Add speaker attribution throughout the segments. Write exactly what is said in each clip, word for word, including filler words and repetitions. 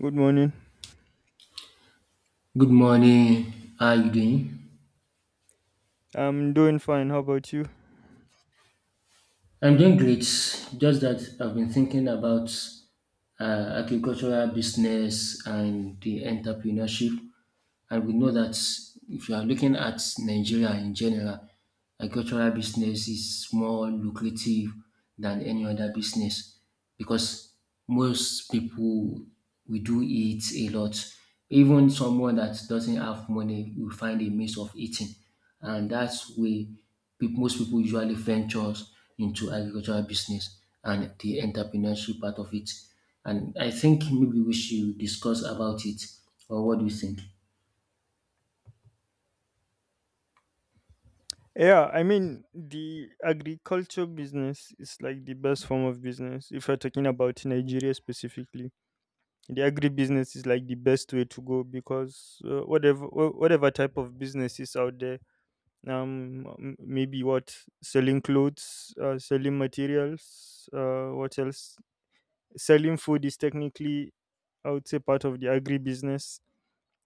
Speaker 1: Good morning.
Speaker 2: Good morning. How are you doing?
Speaker 1: I'm doing fine. How about you?
Speaker 2: I'm doing great. Just that I've been thinking about uh, agricultural business and the entrepreneurship. And we know that if you are looking at Nigeria in general, agricultural business is more lucrative than any other business. Because most people we do eat a lot. Even someone that doesn't have money will find a means of eating, and that's where peop- most people usually ventures into agricultural business and the entrepreneurship part of it. And I think maybe we should discuss about it, or what do you think?
Speaker 1: Yeah, I mean, the agriculture business is like the best form of business. If you're talking about Nigeria specifically, the agribusiness is like the best way to go because uh, whatever wha- whatever type of business is out there, um m- maybe what selling clothes, uh, selling materials, uh what else, selling food is technically, i would say, part of the agri business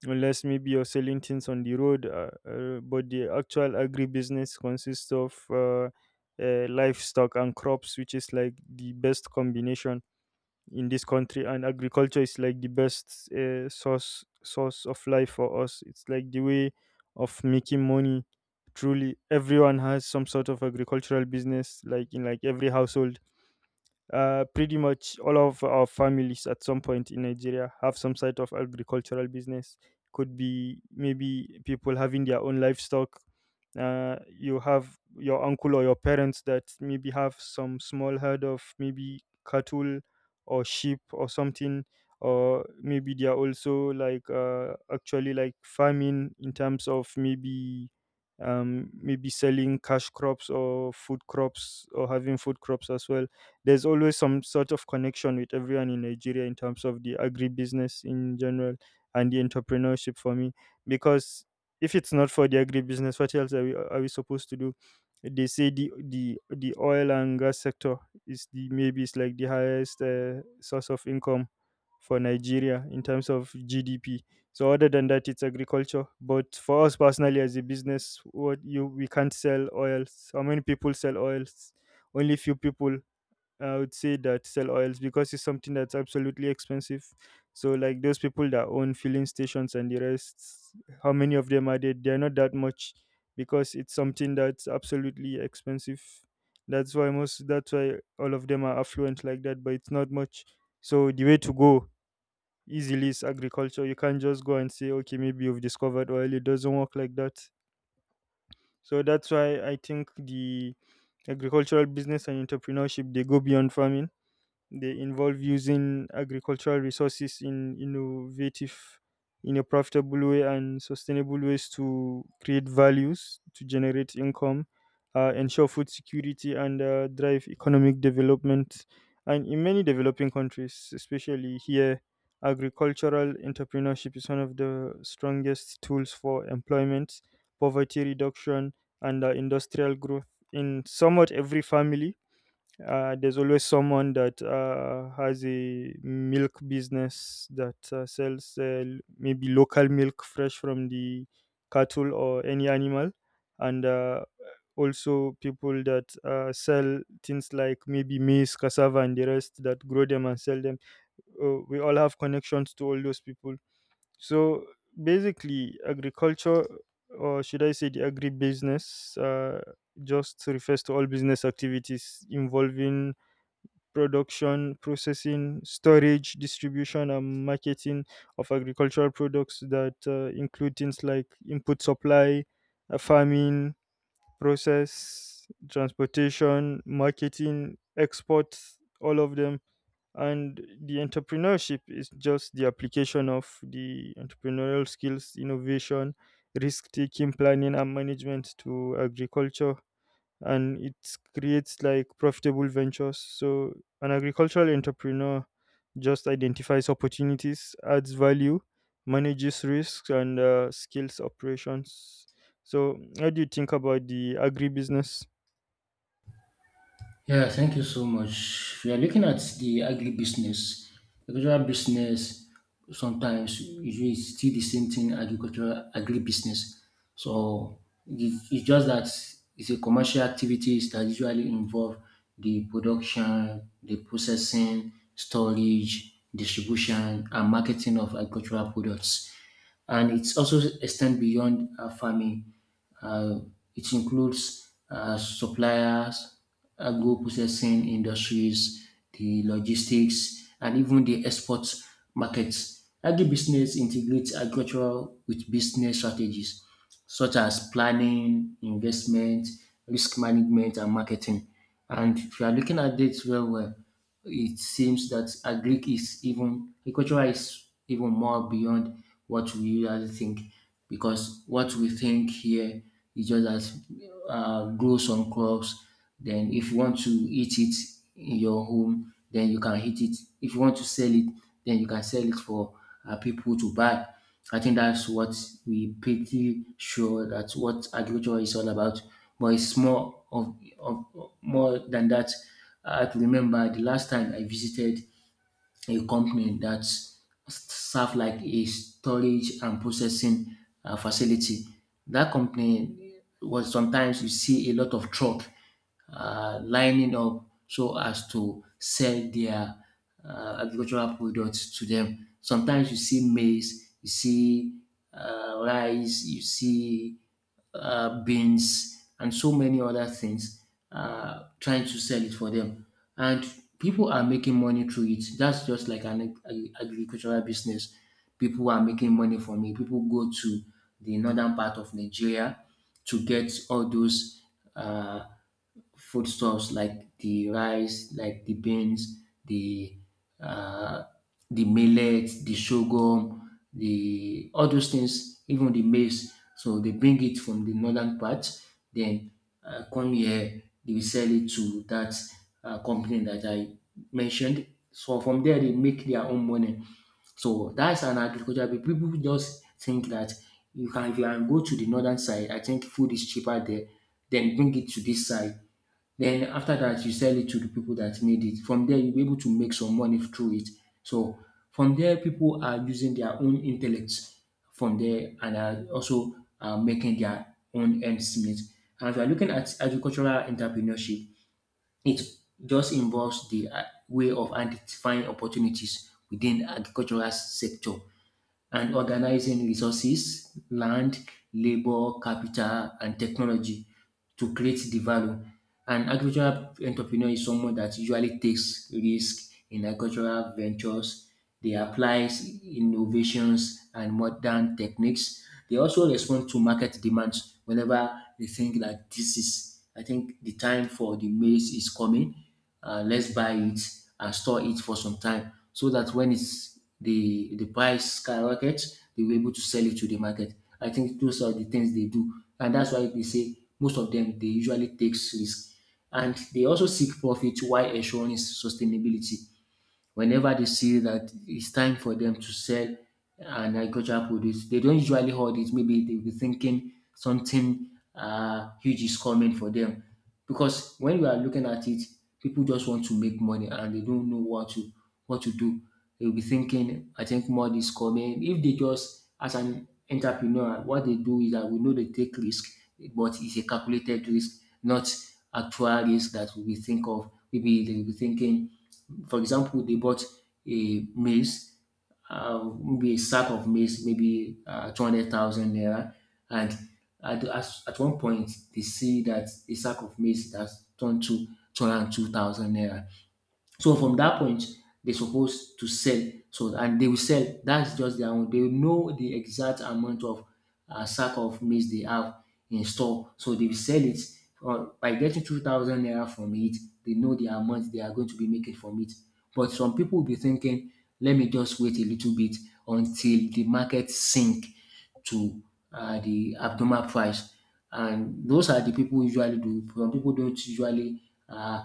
Speaker 1: unless maybe you're selling things on the road, uh, uh, but the actual agri business consists of uh, uh, livestock and crops, which is like the best combination in this country. And agriculture is like the best uh, source source of life for us. It's like the way of making money. Truly, everyone has some sort of agricultural business, like in like every household. Uh, pretty much all of our families at some point in Nigeria have some sort of agricultural business. Could be maybe people having their own livestock. Uh, you have your uncle or your parents that maybe have some small herd of maybe cattle or sheep or something, or maybe they are also like uh, actually like farming in terms of maybe, um, maybe selling cash crops or food crops, or having food crops as well. There's always some sort of connection with everyone in Nigeria in terms of the agribusiness in general, and the entrepreneurship for me. Because if it's not for the agribusiness, what else are we, are we supposed to do? They say the, the the oil and gas sector is the, maybe it's like the highest uh, source of income for Nigeria in terms of G D P. So other than that, it's agriculture. But for us personally, as a business, what you we can't sell oils. How many people sell oils? Only few people, I would say, that sell oils, because it's something that's absolutely expensive. So like those people that own filling stations and the rest, how many of them are there? They're not that much, because it's something that's absolutely expensive. That's why most, that's why all of them are affluent like that, but it's not much. So the way to go easily is agriculture. You can't just go and say, okay, maybe you've discovered oil. It doesn't work like that. So that's why I think the agricultural business and entrepreneurship, they go beyond farming. They involve using agricultural resources in innovative, in a profitable way and sustainable ways, to create values, to generate income, uh, ensure food security, and uh, drive economic development. And in many developing countries, especially here, agricultural entrepreneurship is one of the strongest tools for employment, poverty reduction, and uh, industrial growth. In somewhat every family, uh, there's always someone that uh, has a milk business, that uh, sells uh, l- maybe local milk fresh from the cattle or any animal, and uh, also people that uh, sell things like maybe maize, cassava, and the rest, that grow them and sell them. Uh, we all have connections to all those people. So basically, agriculture, or should I say the agribusiness, uh, just refers to all business activities involving production, processing, storage, distribution, and marketing of agricultural products, that uh, include things like input supply, uh, farming, process, transportation, marketing, exports, all of them. And the entrepreneurship is just the application of the entrepreneurial skills, innovation, risk taking, planning, and management to agriculture, and it creates like profitable ventures. So an agricultural entrepreneur just identifies opportunities, adds value, manages risks, and uh, scales operations. So how do you think about the agribusiness?
Speaker 2: Yeah, thank you so much. We are looking at the agribusiness. Agricultural business, sometimes usually it's still the same thing, agricultural agribusiness. So it- it's just that it's a commercial activities that usually involve the production, the processing, storage, distribution, and marketing of agricultural products. And it's also extend beyond uh, farming, uh, it includes uh, suppliers, agro processing industries, the logistics, and even the export markets. Agribusiness integrates agriculture with business strategies such as planning, investment, risk management, and marketing. And if you are looking at dates well, well, it seems that agric is even agriculture is even more beyond what we usually think, because what we think here is just that uh, grow some crops. Then, if you want to eat it in your home, then you can eat it. If you want to sell it, then you can sell it for uh, people to buy. I think that's what we pretty sure that's what agriculture is all about, but it's more of, of more than that. I could remember the last time I visited a company that served like a storage and processing uh, facility. That company was sometimes you see a lot of truck uh, lining up so as to sell their uh, agricultural products to them. Sometimes you see maize, you see uh, rice, you see uh, beans, and so many other things, uh, trying to sell it for them. And people are making money through it. That's just like an ag- agricultural business. People are making money from it. People go to the northern part of Nigeria to get all those. Uh, Foodstuffs like the rice, like the beans, the uh, the millet, the sorghum, the all those things, even the maize. So they bring it from the northern part, then uh, come here, they will sell it to that uh, company that I mentioned. So from there, they make their own money. So that's an agriculture. But people just think that you can if you can go to the northern side, I think food is cheaper there, then bring it to this side. Then after that, you sell it to the people that need it. From there, you'll be able to make some money through it. So from there, people are using their own intellects from there and are also uh, making their own ends meet. And if you're looking at agricultural entrepreneurship, it just involves the uh, way of identifying opportunities within agricultural sector and organizing resources, land, labor, capital, and technology to create the value. An agricultural entrepreneur is someone that usually takes risk in agricultural ventures. They apply innovations and modern techniques. They also respond to market demands whenever they think that this is, I think the time for the maize is coming. Uh, let's buy it and store it for some time so that when it's the the price skyrockets, they were able to sell it to the market. I think those are the things they do, and that's why they say most of them they usually takes risk, and they also seek profit while ensuring sustainability whenever they see that it's time for them to sell an agricultural produce, they don't usually hold it. Maybe they'll be thinking something uh, huge is coming for them. Because when we are looking at it, people just want to make money and they don't know what to what to do. They'll be thinking, I think more is coming. If they just as an entrepreneur, what they do is that we know they take risk, but it's a calculated risk, not actual risk that we think of. Maybe they'll be thinking for example, they bought a maize, uh, maybe a sack of maize, maybe uh, two hundred thousand naira. And at, at, at one point, they see that a sack of maize has turned to two hundred two thousand naira. So from that point, they're supposed to sell. So and they will sell. That's just their own. They will know the exact amount of uh, sack of maize they have in store. So they will sell it uh, by getting two thousand naira from it. They know the amount they are going to be making from it. But some people will be thinking, let me just wait a little bit until the market sink to uh, the abnormal price. And those are the people usually do. Some people don't usually uh,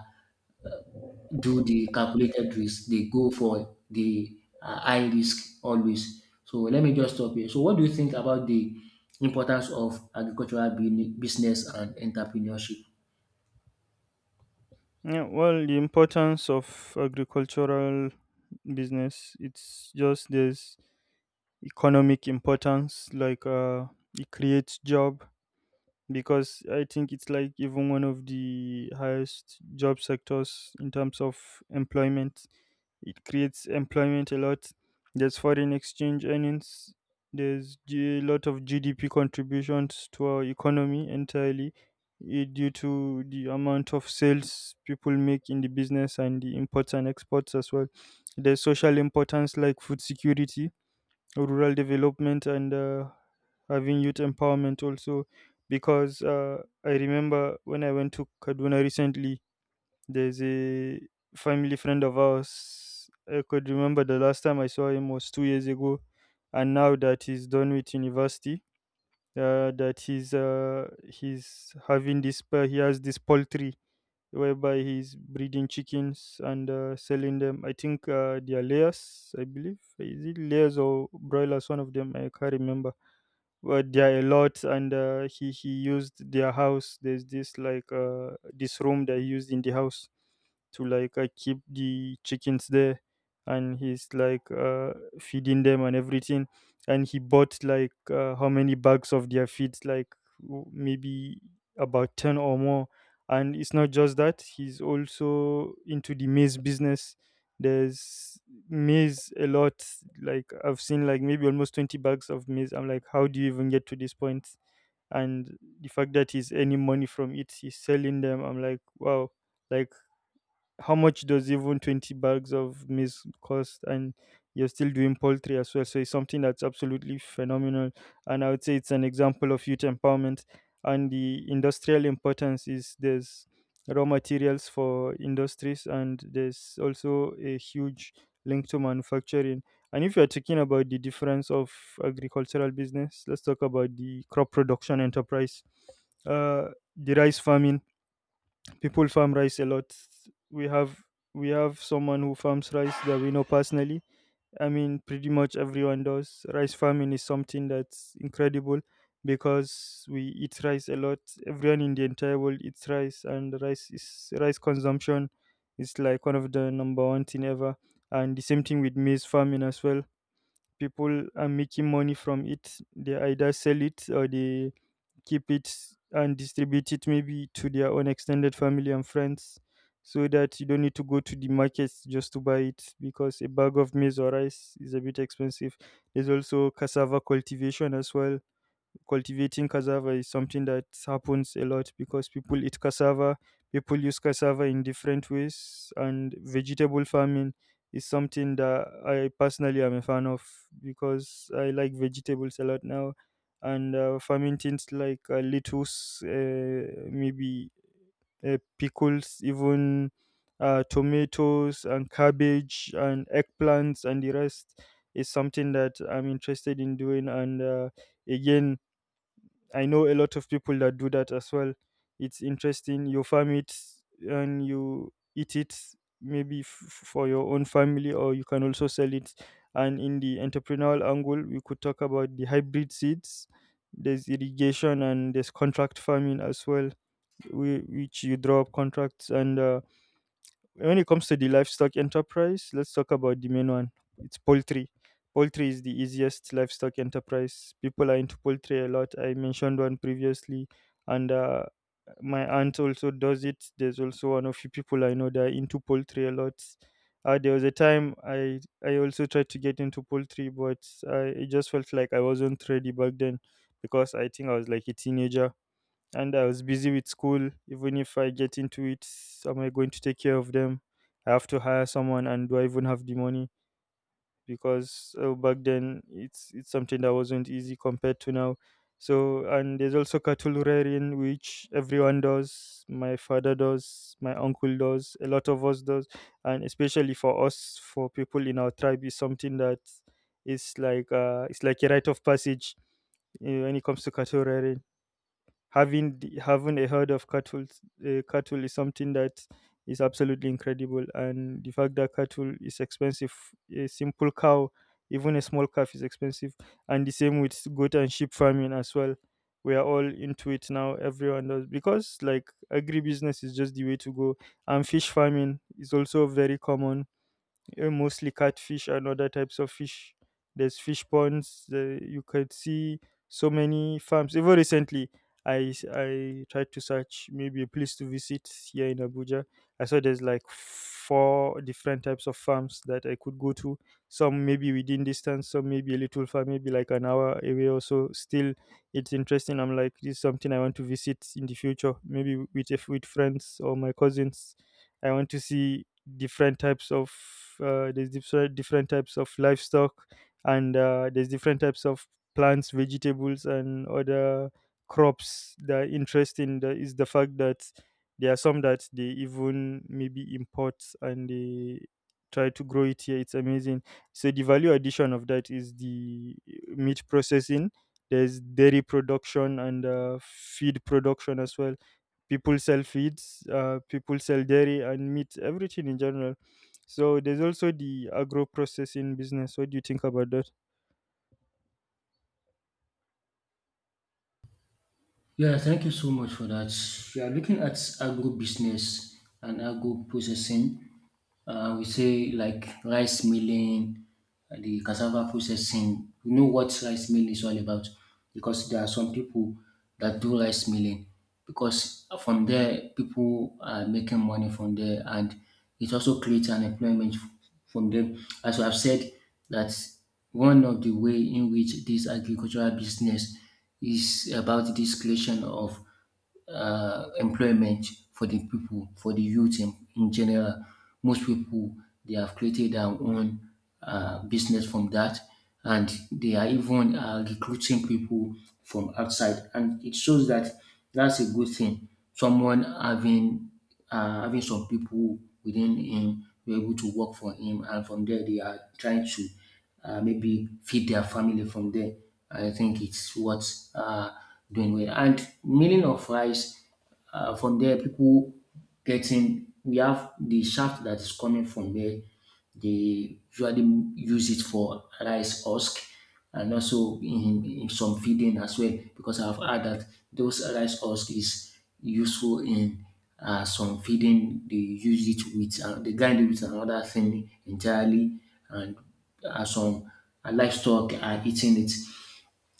Speaker 2: do the calculated risk. They go for the uh, high risk always. So let me just stop here. So what do you think about the importance of agricultural bini- business and entrepreneurship?
Speaker 1: Yeah, well, the importance of agricultural business, it's just there's economic importance, like, uh, it creates job, because I think it's like even one of the highest job sectors in terms of employment. It creates employment a lot. There's foreign exchange earnings. There's a lot of G D P contributions to our economy entirely, eh, due to the amount of sales people make in the business, and the imports and exports as well. There's social importance, like food security, rural development, and uh, having youth empowerment also, because uh, i remember when I went to Kaduna recently, there's a family friend of ours. I could remember the last time I saw him was two years ago, and now that he's done with university. Uh, that he's uh, he's having this, uh, he has this poultry whereby he's breeding chickens and uh, selling them. I think uh, they are layers, I believe. Is it layers or broilers? One of them, I can't remember. But they are a lot, and uh, he he used their house. There's this like uh, this room that he used in the house to like uh, keep the chickens there, and he's like uh, feeding them and everything. And he bought like uh, how many bags of their feeds, like w- maybe about ten or more. And it's not just that, he's also into the maize business. There's maize a lot. Like I've seen like maybe almost twenty bags of maize. I'm like, how do you even get to this point point? And the fact that he's earning money from it, he's selling them, I'm like, wow. Like, how much does even twenty bags of maize cost? And you're still doing poultry as well. So it's something that's absolutely phenomenal, and I would say it's an example of youth empowerment. And the industrial importance is, there's raw materials for industries, and there's also a huge link to manufacturing. And if you're talking about the difference of agricultural business, let's talk about the crop production enterprise. uh, the rice farming, people farm rice a lot. We have we have someone who farms rice that we know personally. I mean pretty much everyone does. Rice farming is something that's incredible because we eat rice a lot. Everyone in the entire world eats rice, and rice is rice consumption is like one of the number one thing ever. And the same thing with maize farming as well. People are making money from it. They either sell it, or they keep it and distribute it maybe to their own extended family and friends, so that you don't need to go to the markets just to buy it, because a bag of maize or rice is a bit expensive. There's also cassava cultivation as well. Cultivating cassava is something that happens a lot, because people eat cassava, people use cassava in different ways. And vegetable farming is something that I personally am a fan of, because I like vegetables a lot now. And uh, farming things like uh, lettuce, uh, maybe uh, pickles, even uh, tomatoes and cabbage and eggplants and the rest, is something that I'm interested in doing and. Uh, again, I know a lot of people that do that as well. It's interesting. You farm it and you eat it maybe f- for your own family, or you can also sell it. And in the entrepreneurial angle, we could talk about the hybrid seeds. There's irrigation, and there's contract farming as well, whi- which you draw up contracts. And uh, when it comes to the livestock enterprise, let's talk about the main one. It's poultry. Poultry is the easiest livestock enterprise. People are into poultry a lot. I mentioned one previously, and uh, my aunt also does it. There's also one of few people I know that are into poultry a lot. Uh, there was a time I I also tried to get into poultry, but I it just felt like I wasn't ready back then, because I think I was like a teenager and I was busy with school. Even if I get into it, am I going to take care of them? I have to hire someone, and do I even have the money? Because uh, back then, it's it's something that wasn't easy compared to now. So, and there's also cattle rearing, which everyone does. My father does, my uncle does, a lot of us does. And especially for us, for people in our tribe, is something that is like uh, it's like a rite of passage uh, when it comes to cattle rearing, having the, having a herd of cattle. Uh, cattle is something that is absolutely incredible, and the fact that cattle is expensive. A simple cow, even a small calf, is expensive. And the same with goat and sheep farming as well. We are all into it now. Everyone does, because like agribusiness is just the way to go. And fish farming is also very common, uh, mostly catfish and other types of fish. There's fish ponds. The, you could see so many farms. Even recently, I s- I tried to search maybe a place to visit here in Abuja. I saw there's like four different types of farms that I could go to. Some maybe within distance, some maybe a little far, maybe like an hour away or so. Still, it's interesting. I'm like, this is something I want to visit in the future, maybe with if with friends or my cousins. I want to see different types of uh, there's different different types of livestock and uh, there's different types of plants, vegetables, and other crops that are interesting. The, is the fact that there are some that they even maybe import and they try to grow it here. It's amazing. So the value addition of that is the uh, meat processing. There's dairy production and uh, feed production as well. People sell feeds, uh, people sell dairy and meat, everything in general. So there's also the agro processing business. What do you think about that?
Speaker 2: Yeah, thank you so much for that. We are looking at agro business and agro processing. Uh, we say like rice milling, uh, the cassava processing. We know what rice milling is all about because there are some people that do rice milling because from there people are making money from there and it also creates an employment f- from them. As I've said, that one of the way in which this agricultural business is about this creation of uh, employment for the people, for the youth in, in general. Most people they have created their own uh, business from that, and they are even uh, recruiting people from outside, and it shows that that's a good thing. Someone having uh, having some people within him were able to work for him, and from there they are trying to uh, maybe feed their family from there. I think it's what uh, doing well. And milling of rice, uh, from there, people getting we have the shaft that is coming from there. They usually use it for rice husk and also in, in some feeding as well because I've heard that those rice husk is useful in uh, some feeding they use it with uh, they grind it with another thing entirely and uh, some uh, livestock are eating it.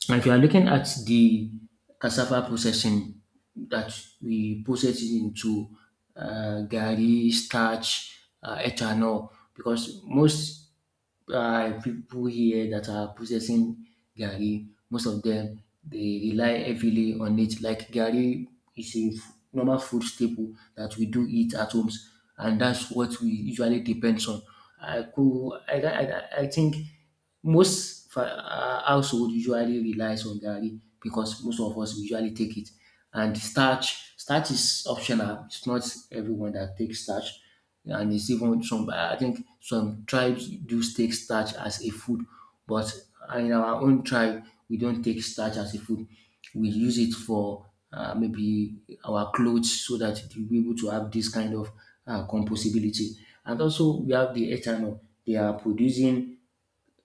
Speaker 2: And if you are looking at the cassava processing that we process it into uh, gari, starch, uh, ethanol because most um pipu here that are processing gari, most of them they rely heavily on it like gari is a f- normal food staple that we do eat at homes and that's what we usually depends on. I could I I I think most fa um household usually relies on gari because most of us usually take it and starch starch is optional, it's not everyone that takes starch and it's even some I think some tribes do take starch as a food, but in our own tribe we don't take starch as a food. We use it for uh, maybe our clothes so that we'll be able to have this kind of uh, composability. And also we have the ethanol. They are producing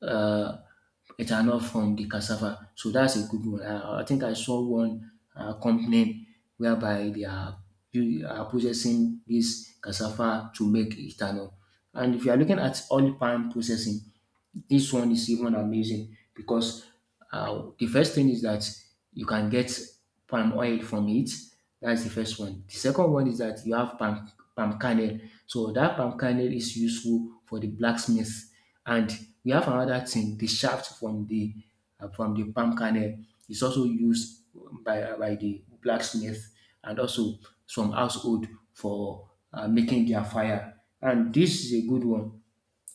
Speaker 2: uh, ethanol from the cassava. So that's a good one. I, I think I saw one uh, company whereby they are, they are processing this cassava to make ethanol. And if you are looking at oil palm processing, this one is even amazing because uh, the first thing is that you can get palm oil from it. That's the first one. The second one is that you have palm palm kernel. So that palm kernel is useful for the blacksmith. And we have another thing, the shaft from the uh, from the palm kernel is also used by uh, by the blacksmith and also some household for uh, making their fire. And this is a good one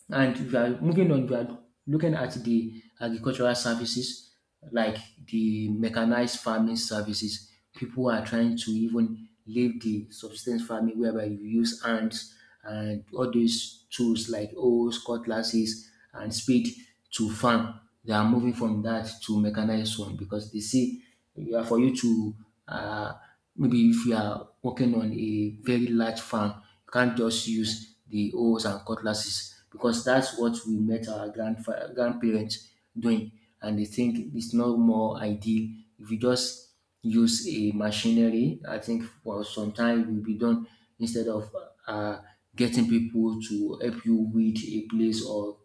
Speaker 2: and if you are moving on, you are looking at the agricultural services like the mechanized farming services. People are trying to even leave the subsistence farming whereby you use hands and all those tools like hoes, cutlasses, and spade to farm. They are moving from that to mechanized one because they see yeah, for you to uh, maybe if you are working on a very large farm, you can't just use the hoes and cutlasses because that's what we met our grandfa- grandparents doing, and they think it's not more ideal if you just use a machinery. I think for some time it will be done instead of uh, getting people to help you weed a place or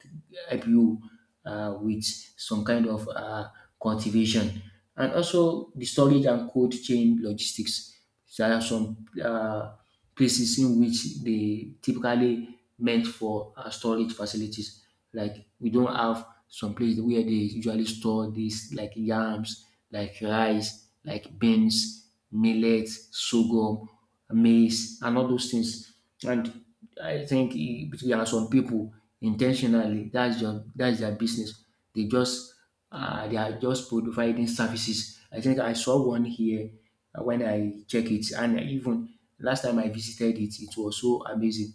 Speaker 2: help you uh, with some kind of uh, cultivation. And also the storage and cold chain logistics. There are some uh, places in which they typically meant for uh, storage facilities. Like we don't have some place where they usually store these like yams, like rice, like beans, millet, sorghum maize, and all those things. And I think e- there are some people intentionally that's their that's their business. They just uh, they are just providing services. I think I saw one here uh, when I check it, and even last time I visited it, it was so amazing.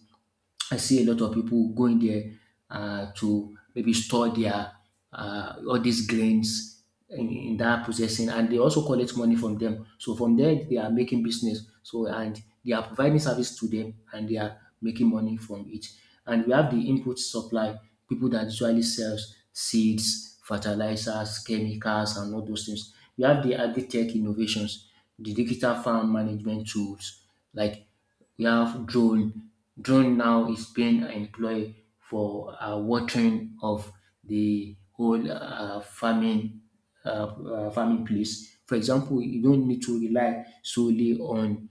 Speaker 2: I see a lot of people going there uh, to maybe store their uh, all these grains in, in that processing, and they also collect money from them. So from there, they are making business. So and they are providing service to them, and they are making money from it. And we have the input supply people that usually sells seeds, fertilizers, chemicals, and all those things. We have the agri-tech innovations, the digital farm management tools, like we have drone. Drone now is being employed for uh, watering of the whole uh, farming uh, uh, farming place. For example, you don't need to rely solely on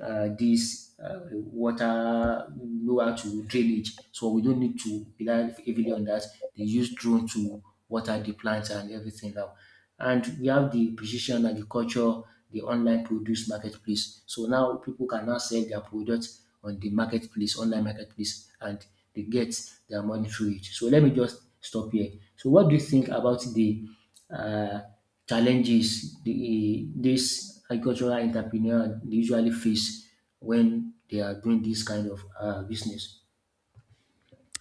Speaker 2: uh, this uh, water lower to drainage. So we don't need to rely heavily on that. They use drone to water the plants and everything now. And we have the precision and the culture, the online produce marketplace. So now people can now sell their products on the marketplace, online marketplace, and they get their money through it. So let me just stop here. So what do you think about the uh, challenges the this agricultural entrepreneur they usually face when they are doing this kind of uh, business?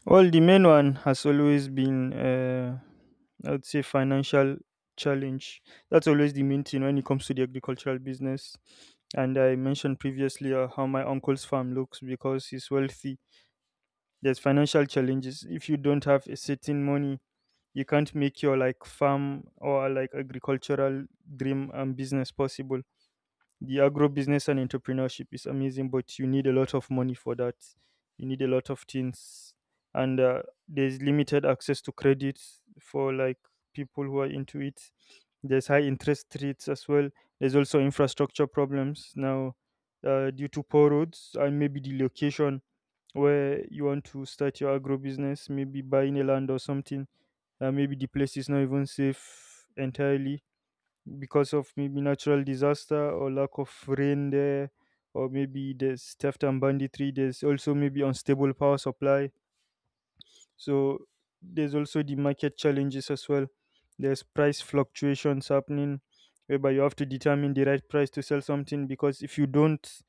Speaker 1: Well, the main one has always been, uh, I'd say, financial challenge. That's always the main thing when it comes to the agricultural business. And I mentioned previously uh, how my uncle's farm looks because he's wealthy. There's financial challenges. If you don't have a certain money, you can't make your like farm or like agricultural dream and business possible. The agro business and entrepreneurship is amazing, but you need a lot of money for that. You need a lot of things, and uh, there's limited access to credit for like people who are into it. There's high interest rates as well. There's also infrastructure problems now uh, due to poor roads and maybe the location where you want to start your agro business, maybe buying a land or something. Uh, maybe the place is not even safe entirely because of maybe natural disaster or lack of rain there, or maybe there's theft and banditry. There's also maybe unstable power supply. So there's also the market challenges as well. There's price fluctuations happening whereby you have to determine the right price to sell something, because if you don't,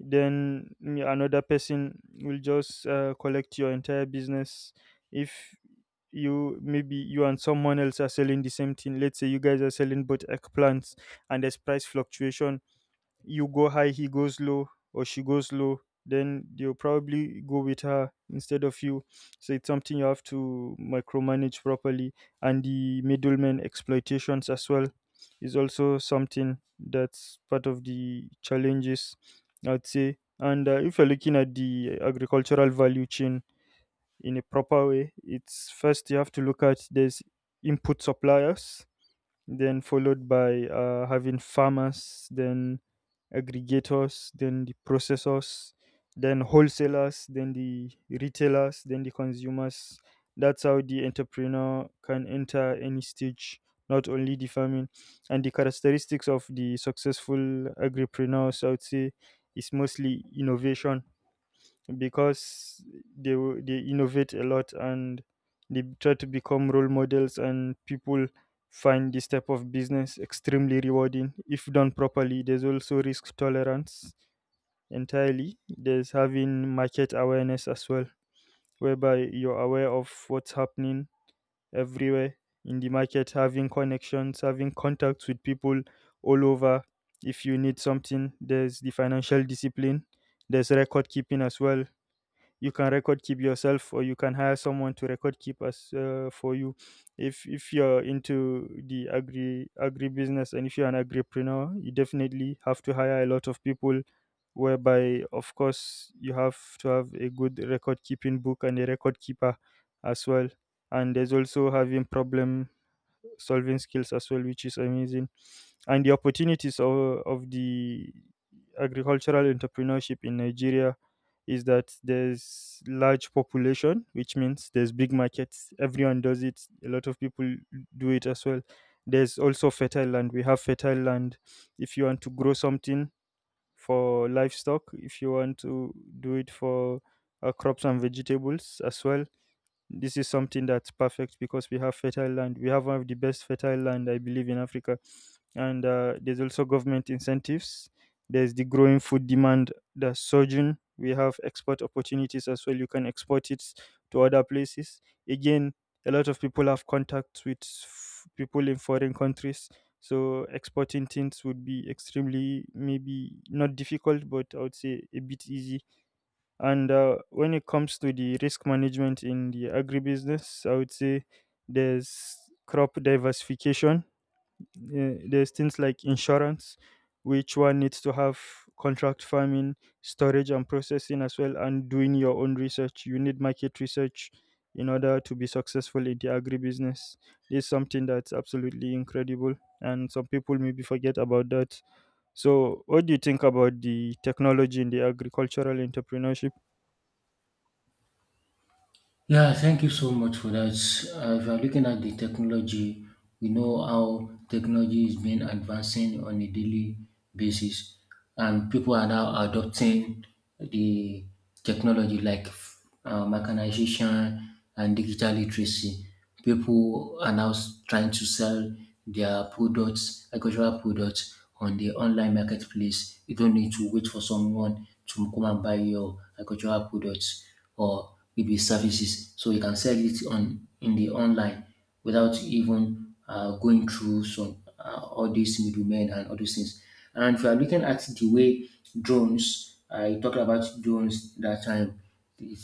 Speaker 1: then mm, another person will just uh, collect your entire business. If you, maybe you and someone else are selling the same thing, let's say you guys are selling both eggplants, and there's price fluctuation, you go high, he goes low, or she goes low, then they'll probably go with her instead of you. So it's something you have to micromanage properly. And the middlemen exploitations as well is also something that's part of the challenges, I'd say. And uh, if you're looking at the agricultural value chain in a proper way, it's first you have to look at there's input suppliers, then followed by uh, having farmers, then aggregators, then the processors, then wholesalers, then the retailers, then the consumers. That's how the entrepreneur can enter any stage, not only the farming. And the characteristics of the successful agripreneurs, I would say, is mostly innovation, because they wo- they innovate a lot and they try to become role models, and people find this type of business extremely rewarding if done properly. There's also risk tolerance entirely. There's having market awareness as well, whereby you're aware of what's happening everywhere in the market, having connections, having contacts with people all over if you need something. There's the financial discipline, there's record keeping as well. You can record keep yourself, or you can hire someone to record keep us uh, for you. if if you're into the agri agri business, and if you're an agripreneur, you definitely have to hire a lot of people, whereby of course you have to have a good record keeping book and a record keeper as well. And there's also having problem solving skills as well, which is amazing. And the opportunities of, of the agricultural entrepreneurship in Nigeria is that there's large population, which means there's big markets. Everyone does it. A lot of people do it as well. There's also fertile land. We have fertile land. If you want to grow something for livestock, if you want to do it for uh, crops and vegetables as well, this is something that's perfect because we have fertile land. We have one of the best fertile land, I believe, in Africa. And uh, there's also government incentives. There's the growing food demand that's surging. We have export opportunities as well. You can export it to other places. Again, a lot of people have contacts with f- people in foreign countries, so exporting things would be extremely maybe not difficult, but I would say a bit easy. And uh, when it comes to the risk management in the agribusiness, I would say there's crop diversification, uh, there's things like insurance, which one needs to have, contract farming, storage and processing as well, and doing your own research. You need market research in order to be successful in the agribusiness. This something that's absolutely incredible, and some people maybe forget about that. So, what do you think about the technology in the agricultural entrepreneurship?
Speaker 2: Yeah, thank you so much for that. Uh, if you're looking at the technology, we know how technology is being advancing on a daily basis, and people are now adopting the technology like uh, mechanization and digital literacy. People are now s- trying to sell their products, agricultural products, on the online marketplace. You don't need to wait for someone to come and buy your agricultural products or maybe services. So you can sell it on in the online without even uh, going through some uh, all these middlemen and all those things. And if you are looking at the way drones, I talked about drones that time. It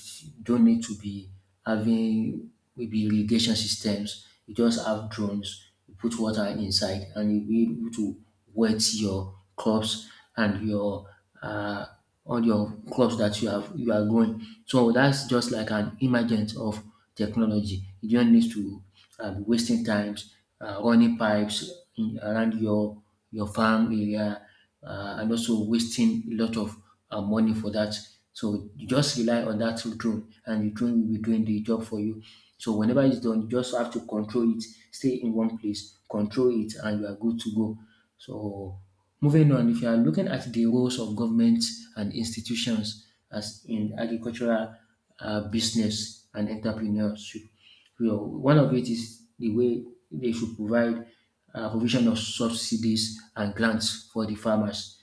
Speaker 2: don't need to be having maybe irrigation systems. You just have drones. You put water inside, and you'll be able to wet your crops and your uh, all your crops that you have you are growing. So that's just like an emergence of technology. You don't need to uh, be wasting times uh, running pipes in, around your your farm area uh, and also wasting a lot of uh, money for that. So you just rely on that drone and the drone will be doing the job for you. So whenever it's done, you just have to control it, stay in one place, control it, and you are good to go. So moving on, if you are looking at the roles of governments and institutions as in agricultural uh, business and entrepreneurship, you know, one of it is the way they should provide uh, provision of subsidies and grants for the farmers,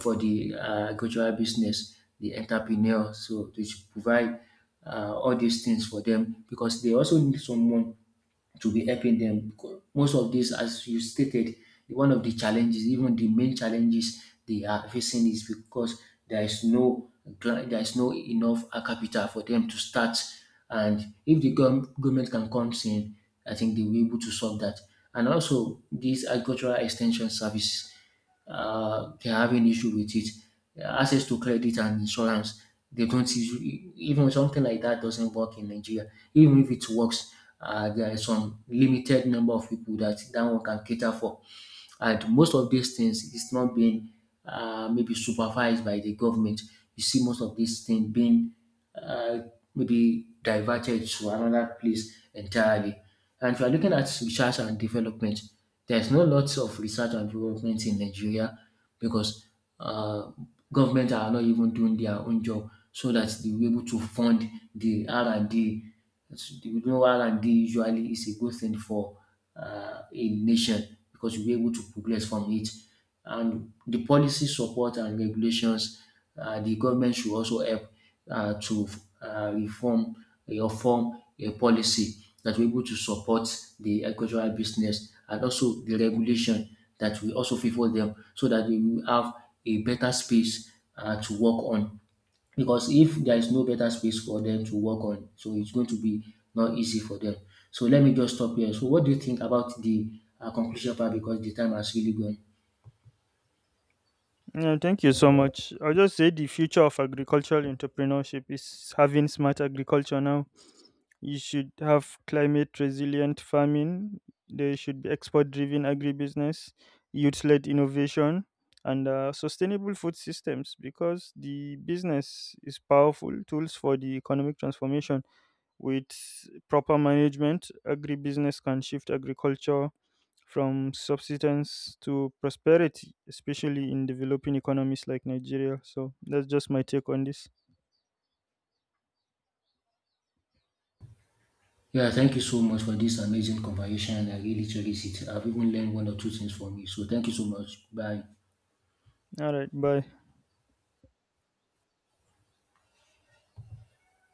Speaker 2: for the uh, agricultural business, the entrepreneur. So they should provide uh, all these things for them because they also need someone to be helping them. Most of these, as you stated, one of the challenges, even the main challenges they are facing is because there is no gla- there is no enough uh, capital for them to start. And if the gov- government can come in, I think they will be able to solve that. And also these agricultural extension services uh, they're having issue with it. Uh, Access to credit and insurance, they don't usually, even something like that doesn't work in Nigeria. Even if it works, uh, there are some limited number of people that that one can cater for. And most of these things is not being uh, maybe supervised by the government. You see most of these things being uh, maybe diverted to another place entirely. And if you are looking at research and development, there's no lots of research and development in Nigeria because uh, government are not even doing their own job so that they will be able to fund the R and D. As you know, R and D usually is a good thing for uh, a nation because you'll be able to progress from it. And the policy support and regulations uh, the government should also help uh, to uh, reform or form a policy that will be able to support the agricultural business and also the regulation that will also favor them so that they will have a better space uh, to work on. Because if there is no better space for them to work on, so it's going to be not easy for them. So let me just stop here. So what do you think about the uh, conclusion part because the time has really gone?
Speaker 1: Yeah, thank you so much. I'll just say the future of agricultural entrepreneurship is having smart agriculture now. You should have climate resilient farming. There should be export driven agribusiness, youth led innovation, and uh, sustainable food systems, because the business is powerful tools for the economic transformation. With proper management, agribusiness can shift agriculture from subsistence to prosperity, especially in developing economies like Nigeria. So that's just my take on this.
Speaker 2: Yeah, thank you so much for this amazing conversation. I really cherish it. I've even learned one or two things from you. So thank you so much. Bye.
Speaker 1: All right, bye.